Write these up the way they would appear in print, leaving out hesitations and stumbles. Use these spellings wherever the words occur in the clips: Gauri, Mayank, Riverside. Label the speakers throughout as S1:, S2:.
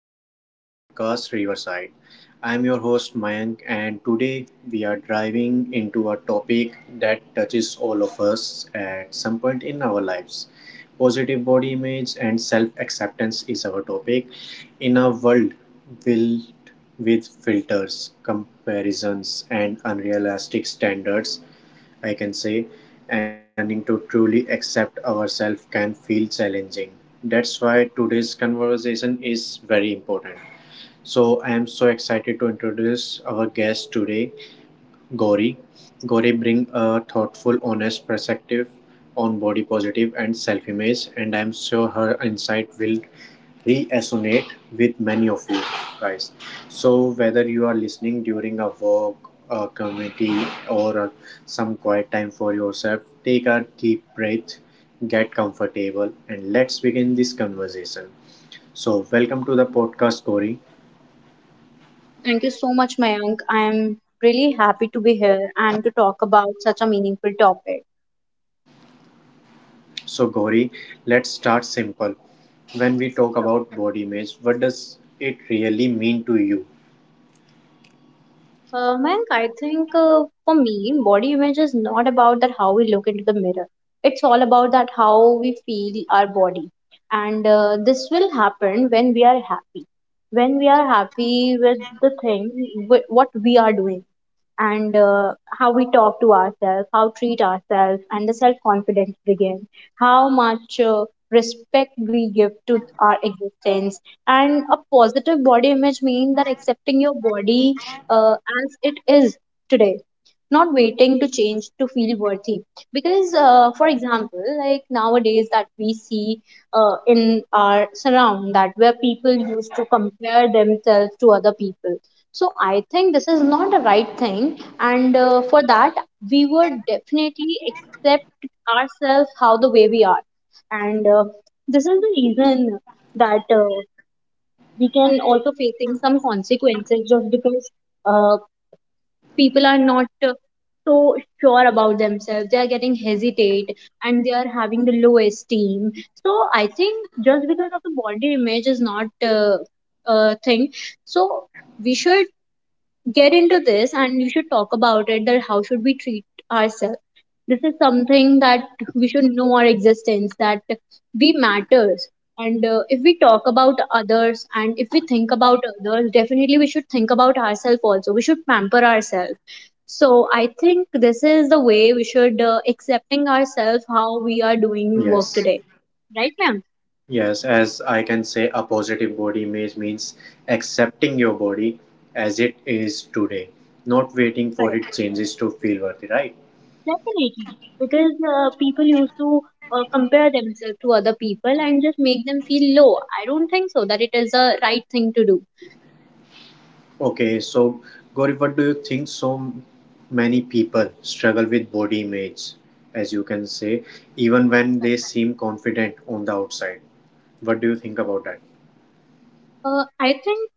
S1: back to the podcast Riverside. I'm your host Mayank, and today we are driving into a topic that touches all of us at some point in our lives. Positive body image and self acceptance is our topic. In a world filled with filters, comparisons, and unrealistic standards, I can say, and learning to truly accept ourselves can feel challenging. That's why today's conversation is very important. So I am so excited to introduce our guest today, Gauri. Gauri brings a thoughtful, honest perspective on body positive and self-image, and I'm sure her insight will re-assonate with many of you guys. So whether you are listening during a work, a committee, or a- some quiet time for yourself, take a deep breath, get comfortable, and let's begin this conversation. So welcome to the podcast, Gauri.
S2: Thank you so much, Mayank. I am really happy to be here and to talk about such a meaningful topic.
S1: So Gauri, let's start simple. When we talk about body image, what does it really mean to you?
S2: Mayank, I think for me, body image is not about that how we look into the mirror. It's all about that how we feel our body, and this will happen when we are happy. When we are happy with the thing, what we are doing and how we talk to ourselves, how treat ourselves, and the self confidence begin, how much respect we give to our existence, and a positive body image means that accepting your body as it is today, not waiting to change to feel worthy. Because, for example, like nowadays that we see in our surround that where people used to compare themselves to other people, so I think this is not the right thing, and for that we would definitely accept ourselves how the way we are, and this is the reason that we can also facing some consequences just because uh, people are not so sure about themselves. They are getting hesitate and they are having the low esteem. So I think just because of the body image is not a thing. So we should get into this and you should talk about it that how should we treat ourselves. This is something that we should know our existence that we matters, and if we talk about others and if we think about others, definitely we should think about ourselves, also we should pamper ourselves. So I think this is the way we should accepting ourselves how we are doing work
S1: Yes.
S2: today. Right, ma'am?
S1: Yes, as I can say, a positive body image means accepting your body as it is today, not waiting for
S2: Correct.
S1: it changes to feel worthy, right?
S2: Definitely, because people used to compare themselves to other people and just make them feel low. I don't think so that it is a right thing to do.
S1: Okay, so Gauri, what do you think so many people struggle with body image, as you can say, even when they
S2: Correct.
S1: seem confident on the outside? What do you think about that?
S2: I think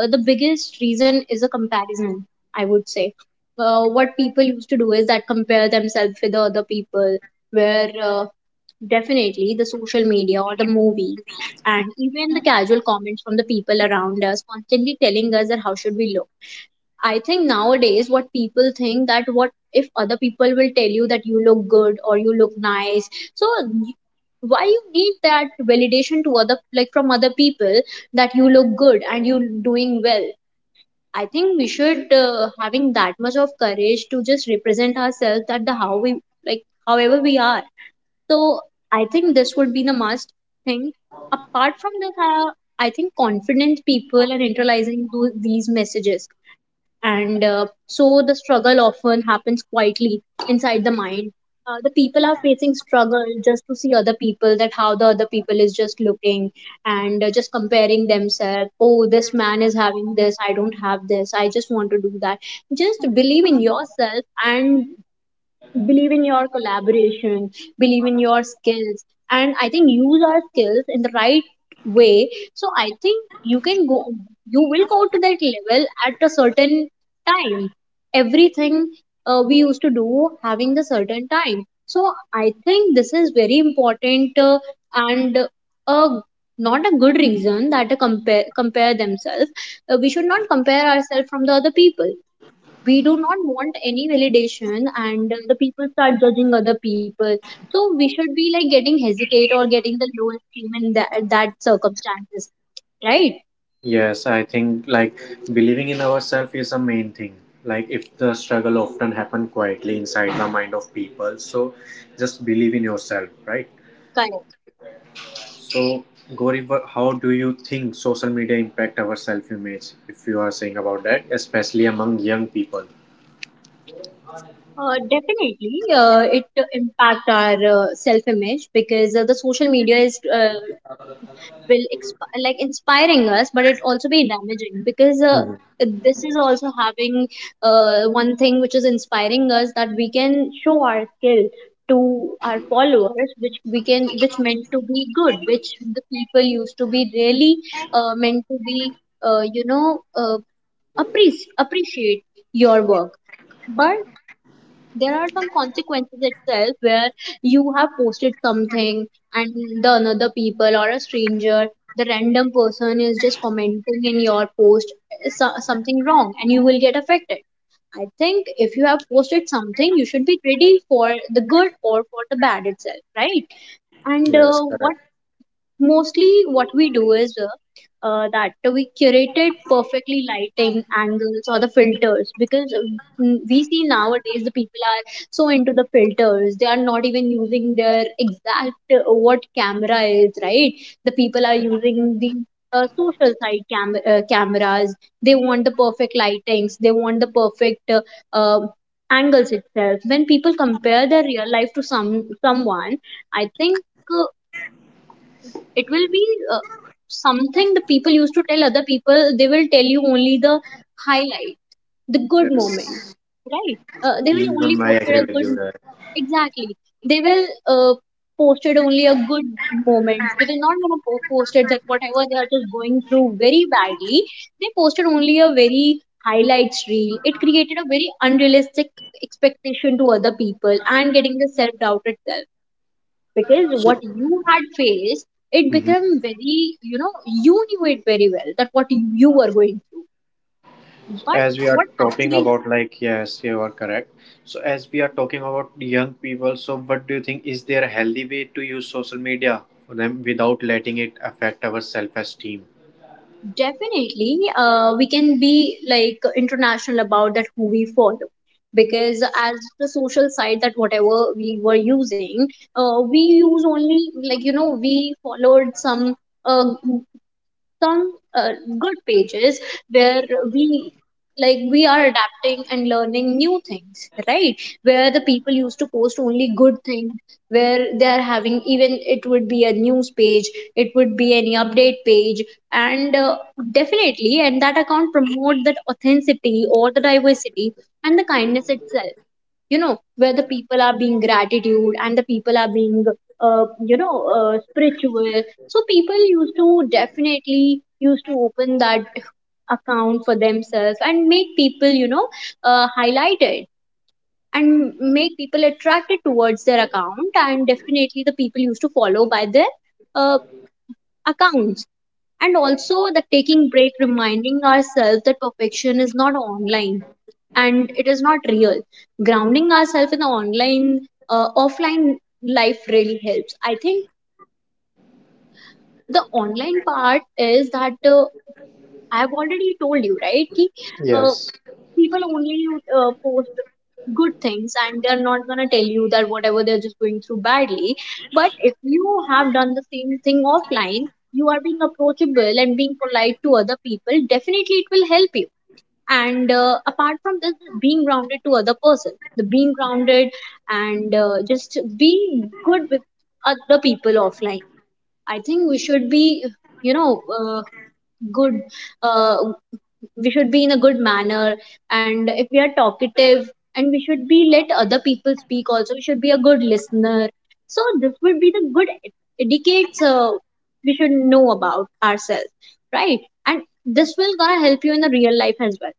S2: the biggest reason is a comparison, I would say. What people used to do is that compare themselves with the other people, where definitely the social media or the movies and even the casual comments from the people around us constantly telling us that how should we look. I think nowadays what people think that what if other people will tell you that you look good or you look nice. So why you need that validation to other, like from other people, that you look good and you doing well. I think we should having that much of courage to just represent ourselves that the how we, like however we are. So I think this would be the must thing. Apart from this, I think confident people are internalizing these messages, and so the struggle often happens quietly inside the mind. The people are facing struggle just to see other people that how the other people is just looking, and just comparing themselves, oh, this man is having this, I don't have this, I just want to do that. Just believe in yourself and believe in your collaboration, believe in your skills, and I think use our skills in the right way. So I think you can go, you will go to that level at a certain time. Everything we used to do having the certain time. So I think this is very important, and uh, not a good reason that to compare, compare themselves. Uh, we should not compare ourselves from the other people, we do not want any validation, and the people start judging other people. So we should be like getting hesitate or getting the low esteem in that, that circumstances, right?
S1: Yes, I think like believing in ourselves is the main thing. Like if the struggle often happen quietly inside the mind of people, so just believe in yourself, right?
S2: Correct.
S1: So Gauri, how do you think social media impact our self-image? If you are saying about that, especially among young people.
S2: Definitely, it impact our self image, because the social media is will like inspiring us, but it also be damaging because
S1: Mhm.
S2: this is also having one thing which is inspiring us, that we can show our skill to our followers, which we can, which meant to be good, which the people used to be really meant to be uh, you know uh, appreciate your work. But there are some consequences itself where you have posted something, and the another people or a stranger, the random person is just commenting in your post something wrong, and you will get affected. I think if you have posted something you should be ready for the good or for the bad itself, right? And
S1: Yes,
S2: what
S1: correct.
S2: mostly what we do is, that we curated perfectly lighting angles or the filters, because we see nowadays the people are so into the filters, they are not even using their exact what camera is, right. The people are using the social side cameras. They want the perfect lightings, they want the perfect uh, angles itself. When people compare their real life to some, someone, I think uh, it will be uh, something. The people used to tell other people, they will tell you only the highlight, the good moment,
S1: Yes,
S2: right? Uh, they will only
S1: even I
S2: post it
S1: agree
S2: a
S1: with you
S2: good. Exactly. They will uh, post it only a good moment, they will not going to post it that whatever they are just going through very badly. They posted only a very highlights reel, it created a very unrealistic expectation to other people and getting the self doubt itself, because what you had faced, it
S1: there.
S2: became very, you know, you knew it very well that what you were going through, but
S1: As we are
S2: what
S1: talking
S2: actually.
S1: about, like, yes, you are correct. So as we are talking about young people, so what do you think, is there a healthy way to use social media for them without letting it affect our self-esteem?
S2: Definitely, we can be like international about that who we follow, because as the social side that whatever we were using, we use only, like we followed some uh, some uh, good pages where we, like we are adapting and learning new things, right, where the people used to post only good things, where they are having, even it would be a news page, it would be any update page, and definitely, and that account promote that authenticity or the diversity and the kindness itself, where the people are being gratitude and the people are being spiritual. So people used to definitely used to open that account for themselves and make people, highlight it, and make people attracted towards their account, and definitely the people used to follow by their uh, accounts. And also the taking break, reminding ourselves that perfection is not online and it is not real. Grounding ourselves in the online, offline life really helps. I think the online part is that I've already told you, right ki, uh,
S1: Yes,
S2: people only post good things, and they're not gonna tell you that whatever they're just going through badly. But if you have done the same thing offline, you are being approachable and being polite to other people, definitely it will help you. And apart from this, being grounded to other person, the being grounded, and just be good with other people offline. I think we should be, you know uh, good, uh, we should be in a good manner. And if we are talkative, and we should be let other people speak, also we should be a good listener. So this would be the good etiquettes we should know about ourselves, right? And this will gonna help you in the real life as well.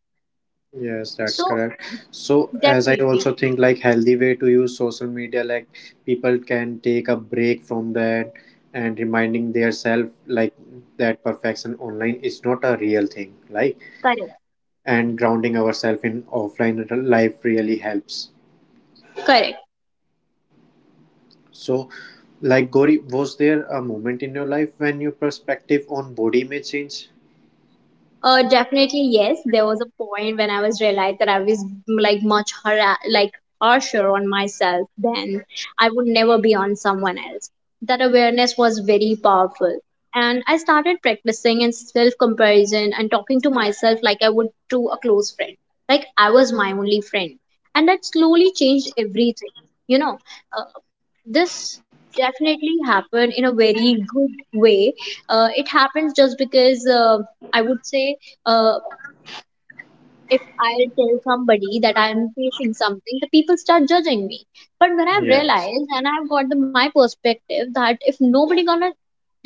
S1: yes, that's
S2: So
S1: correct. So as I
S2: definitely.
S1: also think, like, healthy way to use social media, like people can take a break from that and reminding their self like that perfection online is not a real thing, like,
S2: Correct.
S1: and grounding ourselves in offline life really helps.
S2: Correct.
S1: So, like Gauri, was there a moment in your life when your perspective on body image changed?
S2: Definitely yes. There was a point when I was realized that I was like like harsher on myself than I would never be on someone else. That awareness was very powerful, and I started practicing in self comparison and talking to myself like I would to a close friend, like I was my only friend, and that slowly changed everything. You know, uh, this definitely happened in a very good way. It happens just because. I would say uh, if I tell somebody that I'm facing something, the people start judging me. But when I've
S1: Yes,
S2: realized and I've got the my perspective that if nobody gonna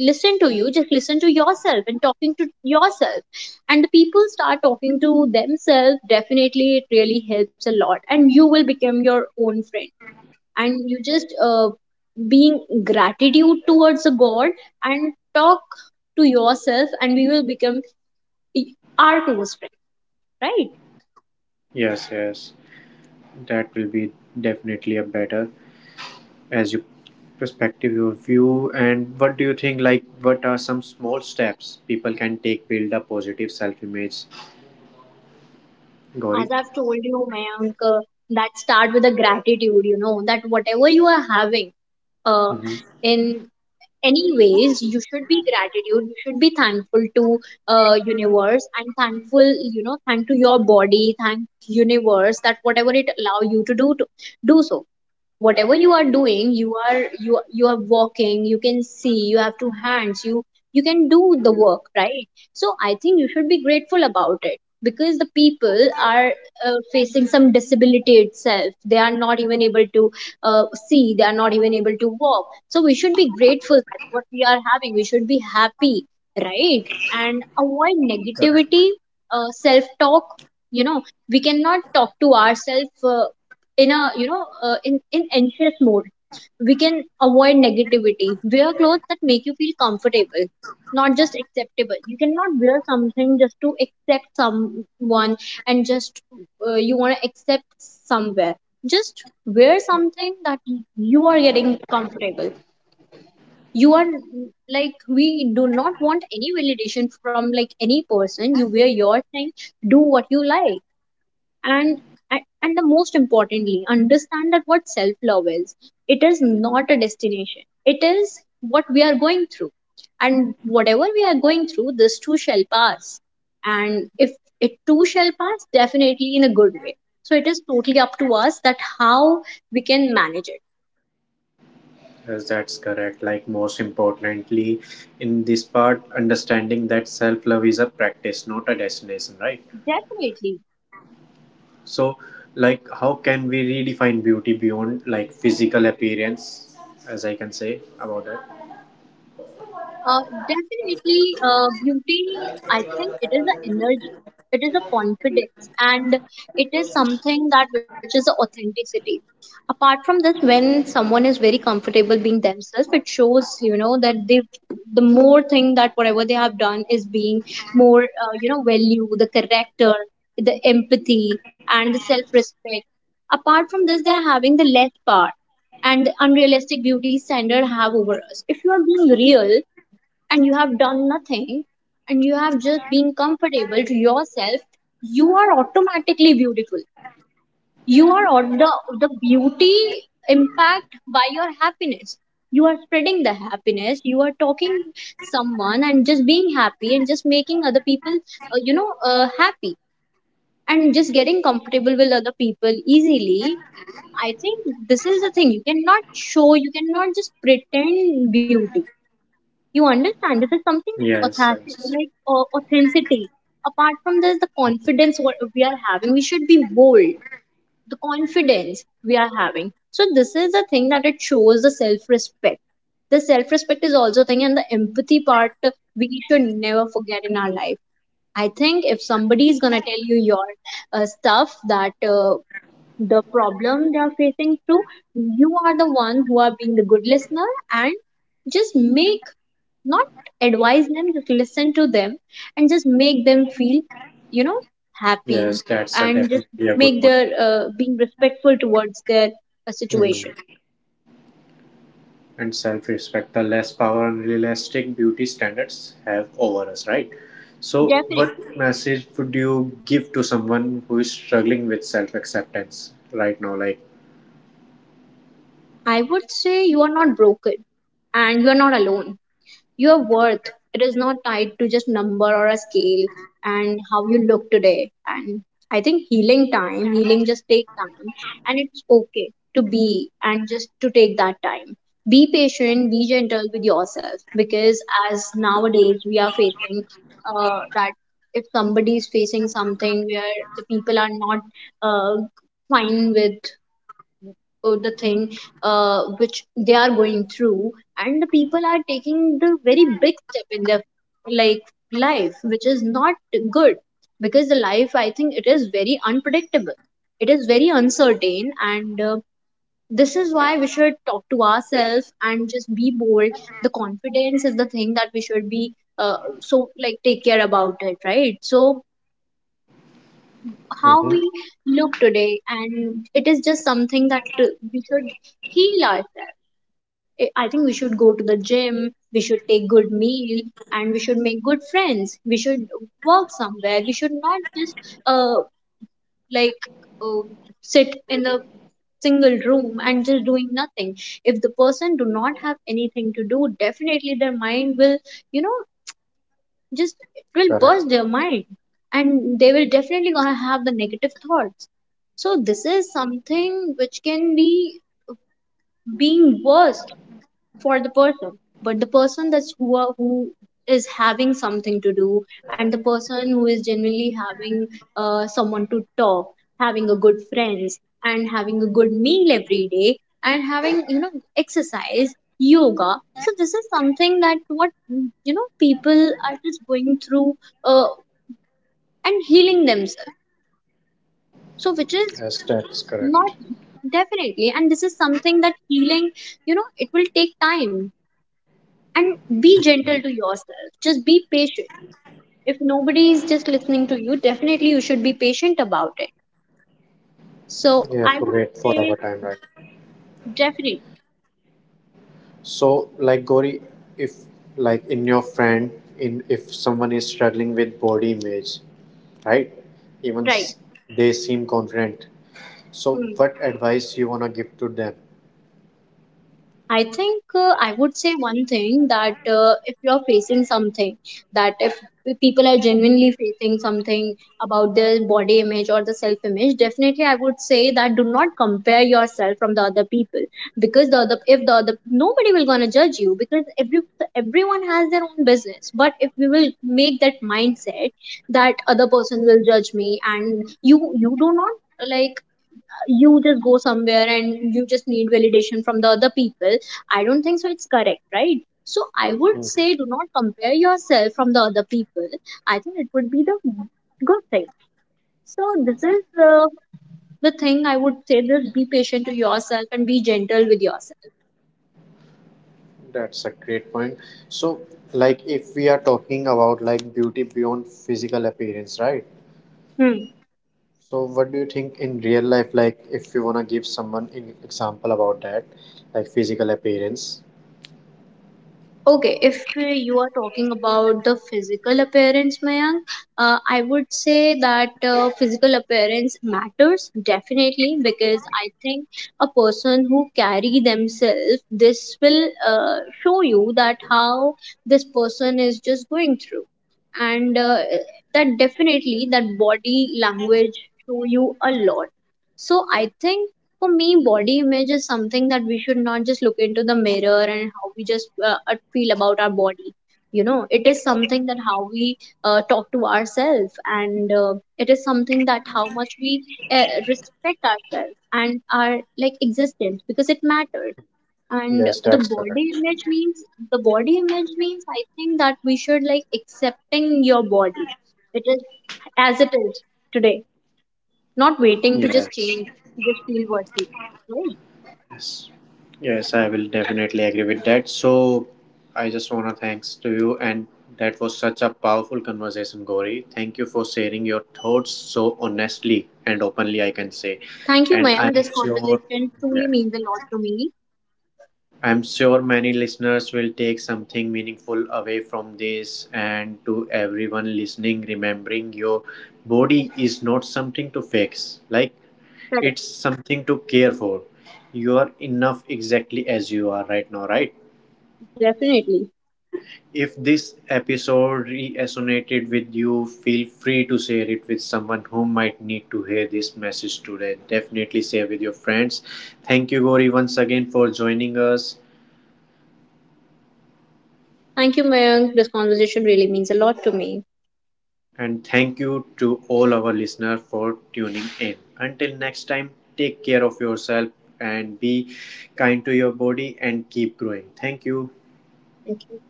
S2: listen to you, just listen to yourself and talking to yourself. And the people start talking to themselves, definitely it really helps a lot. And you will become your own friend. And you just being gratitude towards the God and talk to yourself and we will become our close friend, right?
S1: yes, yes. That will be definitely a better, as you, perspective your view. And what do you think? Like, what are some small steps people can take build a positive self image?
S2: as
S1: Gauri.
S2: i've told you my uncle that start with a gratitude, you know, that whatever you are having uh
S1: Mm-hmm.
S2: in any ways you should be gratitude, you should be thankful to universe, and thankful, you know, thank to your body, thank universe that whatever it allow you to do so. Whatever you are doing, you are you are walking, you can see, you have two hands, you can do the work, right? So I think you should be grateful about it, because the people are facing some disability itself, they are not even able to see, they are not even able to walk. So we should be grateful that what we are having, we should be happy, right? And avoid negativity,
S1: Correct.
S2: self talk, you know, we cannot talk to ourselves in a, you know, in anxious mode. We can avoid negativity, wear clothes that make you feel comfortable, not just acceptable. You cannot wear something just to accept someone and just you want to accept somewhere. Just wear something that you are getting comfortable. You are like, we do not want any validation from like any person. You wear your thing, do what you like, and and the most importantly understand that what self love is. It is not a destination, it is what we are going through, and whatever we are going through, this too shall pass. And if it too shall pass, definitely in a good way. So it is totally up to us that how we can manage it.
S1: Yes, that's correct. Like most importantly, in this part, understanding that self love is a practice, not a destination, right?
S2: Definitely.
S1: So, like, how can we redefine beauty beyond like physical appearance, as I can say about it?
S2: Uh, Definitely, beauty, I think it is an energy, it is a confidence, and it is something that which is a authenticity. Apart from this, when someone is very comfortable being themselves, it shows, you know, that they the more thing that whatever they have done is being more, you know, value, the character, the empathy, and the self-respect. Apart from this, they're having the less part and the unrealistic beauty standard have over us. If you are being real, and you have done nothing, and you have just been comfortable to yourself, you are automatically beautiful. You are on the beauty impact by your happiness. You are spreading the happiness, you are talking someone and just being happy and just making other people you know, happy, and just getting comfortable with other people easily. I think this is the thing, you cannot show, you cannot just pretend beauty. You understand? This is something that
S1: Yes,
S2: authentic,
S1: yes.
S2: like, authenticity. Apart from this, the
S1: Mhm.
S2: confidence what we are having, we should be bold. The confidence we are having. So this is the thing that it shows the self-respect. The self-respect is also a thing, and the empathy part, we should never forget in our life. I think if somebody is gonna tell you your stuff, that the problem they are facing through, you are the one who are being the good listener, and just make not advise them, just listen to them and just make them feel, you know, happy,
S1: Yes. That's a
S2: and just
S1: definitely a good
S2: make
S1: point.
S2: their being respectful towards their
S1: Mhm.
S2: situation.
S1: And self-respect, the less power and realistic beauty standards have over us, right? So,
S2: Definitely.
S1: what message would you give to someone who is struggling with self-acceptance right now? Like,
S2: I would say you are not broken, and you are not alone. Your worth, it is not tied to just number or a scale and how you look today. And I think healing time, healing just take time, and it's okay to be and just to take that time. Be patient, be gentle with yourself, because as nowadays we are facing, that if somebody is facing something where the people are not uh, fine with the thing which they are going through, and the people are taking the very big step in their, like, life, which is not good. Because the life, I think it is very unpredictable, it is very uncertain, and this is why we should talk to ourselves and just be bold. The confidence is the thing that we should be, so like take care about it, right? So how
S1: hmm.
S2: we look today, and it is just something that, we should heal ourselves. I think we should go to the gym, we should take good meal, and we should make good friends. We should work somewhere. We should not just uh like uh, sit in the single room and just doing nothing. If the person do not have anything to do, definitely their mind will, you know,
S1: Correct.
S2: just it will burst their mind, and they will definitely gonna have the negative thoughts. So this is something which can be being worse for the person. But the person that's who are, who is having something to do, and the person who is genuinely having someone to talk, having a good friends, and having a good meal every day, and having, you know, exercise yoga, so this is something that what, you know, people are just going through, uh, and healing themselves, so which
S1: Yes,
S2: is
S1: that's correct.
S2: not. Definitely. And this is something that healing, you know, it will take time, and be gentle to yourself, just be patient. If nobody is just listening to you, definitely you should be patient about it. So
S1: You have
S2: I
S1: to
S2: would
S1: wait for our
S2: say
S1: time, right?
S2: definitely.
S1: So, like Gori, if, like, in your friend, in, if someone is struggling with body image, right? Even
S2: Right.
S1: s- they seem confident. So,
S2: Hmm.
S1: what advice you wanna give to them?
S2: I think I would say one thing that if you're facing something, that if people are genuinely facing something about their body image or the self image, definitely I would say that do not compare yourself from the other people. Because the other, if the other, nobody will gonna judge you, because every everyone has their own business. But if we will make that mindset that other person will judge me, and you do not like, you just go somewhere and you just need validation from the other people, I don't think so it's correct, right? So I would
S1: Mhm.
S2: say do not compare yourself from the other people. I think it would be the good thing. So this is, the thing I would say, this be patient to yourself and be gentle with yourself.
S1: That's a great point. So, like if we are talking about like beauty beyond physical appearance, right?
S2: Hmm.
S1: So, what do you think in real life? Like, if you wanna give someone an example about that, like physical appearance.
S2: Okay, if you are talking about the physical appearance, Mayank, I would say that physical appearance matters definitely, because I think a person who carry themselves, this will, show you that how this person is just going through, and that definitely that body language show you a lot. So I think for me body image is something that we should not just look into the mirror and how we just feel about our body. You know, it is something that how we talk to ourselves, and it is something that how much we respect ourselves and our like existence, because it matters. And
S1: Yes,
S2: the
S1: that's
S2: body
S1: correct.
S2: image means the body image means, I think that we should like accepting your body, it is as it is today, not waiting to just
S1: Yes.
S2: change to just feel worthy.
S1: Yes. Yes, I will definitely agree with that. So I just want to thanks to you, and that was such a powerful conversation, Gauri. Thank you for sharing your thoughts so honestly and openly, I can say.
S2: Thank you,
S1: And
S2: Mayank.
S1: I'm
S2: This
S1: sure,
S2: conversation truly
S1: yes.
S2: means a lot to me.
S1: I'm sure many listeners will take something meaningful away from this, and to everyone listening, remembering your body is not something to fix. Like
S2: Correct.
S1: it's something to care for. You are enough exactly as you are right now, right?
S2: Definitely.
S1: If this episode resonated with you, feel free to share it with someone who might need to hear this message today. Definitely share with your friends. Thank you, Gauri, once again for joining us.
S2: Thank you, Mayank. This conversation really means a lot to me.
S1: And thank you to all our listeners for tuning in. Until next time, take care of yourself and be kind to your body and keep growing. Thank you.
S2: Thank you.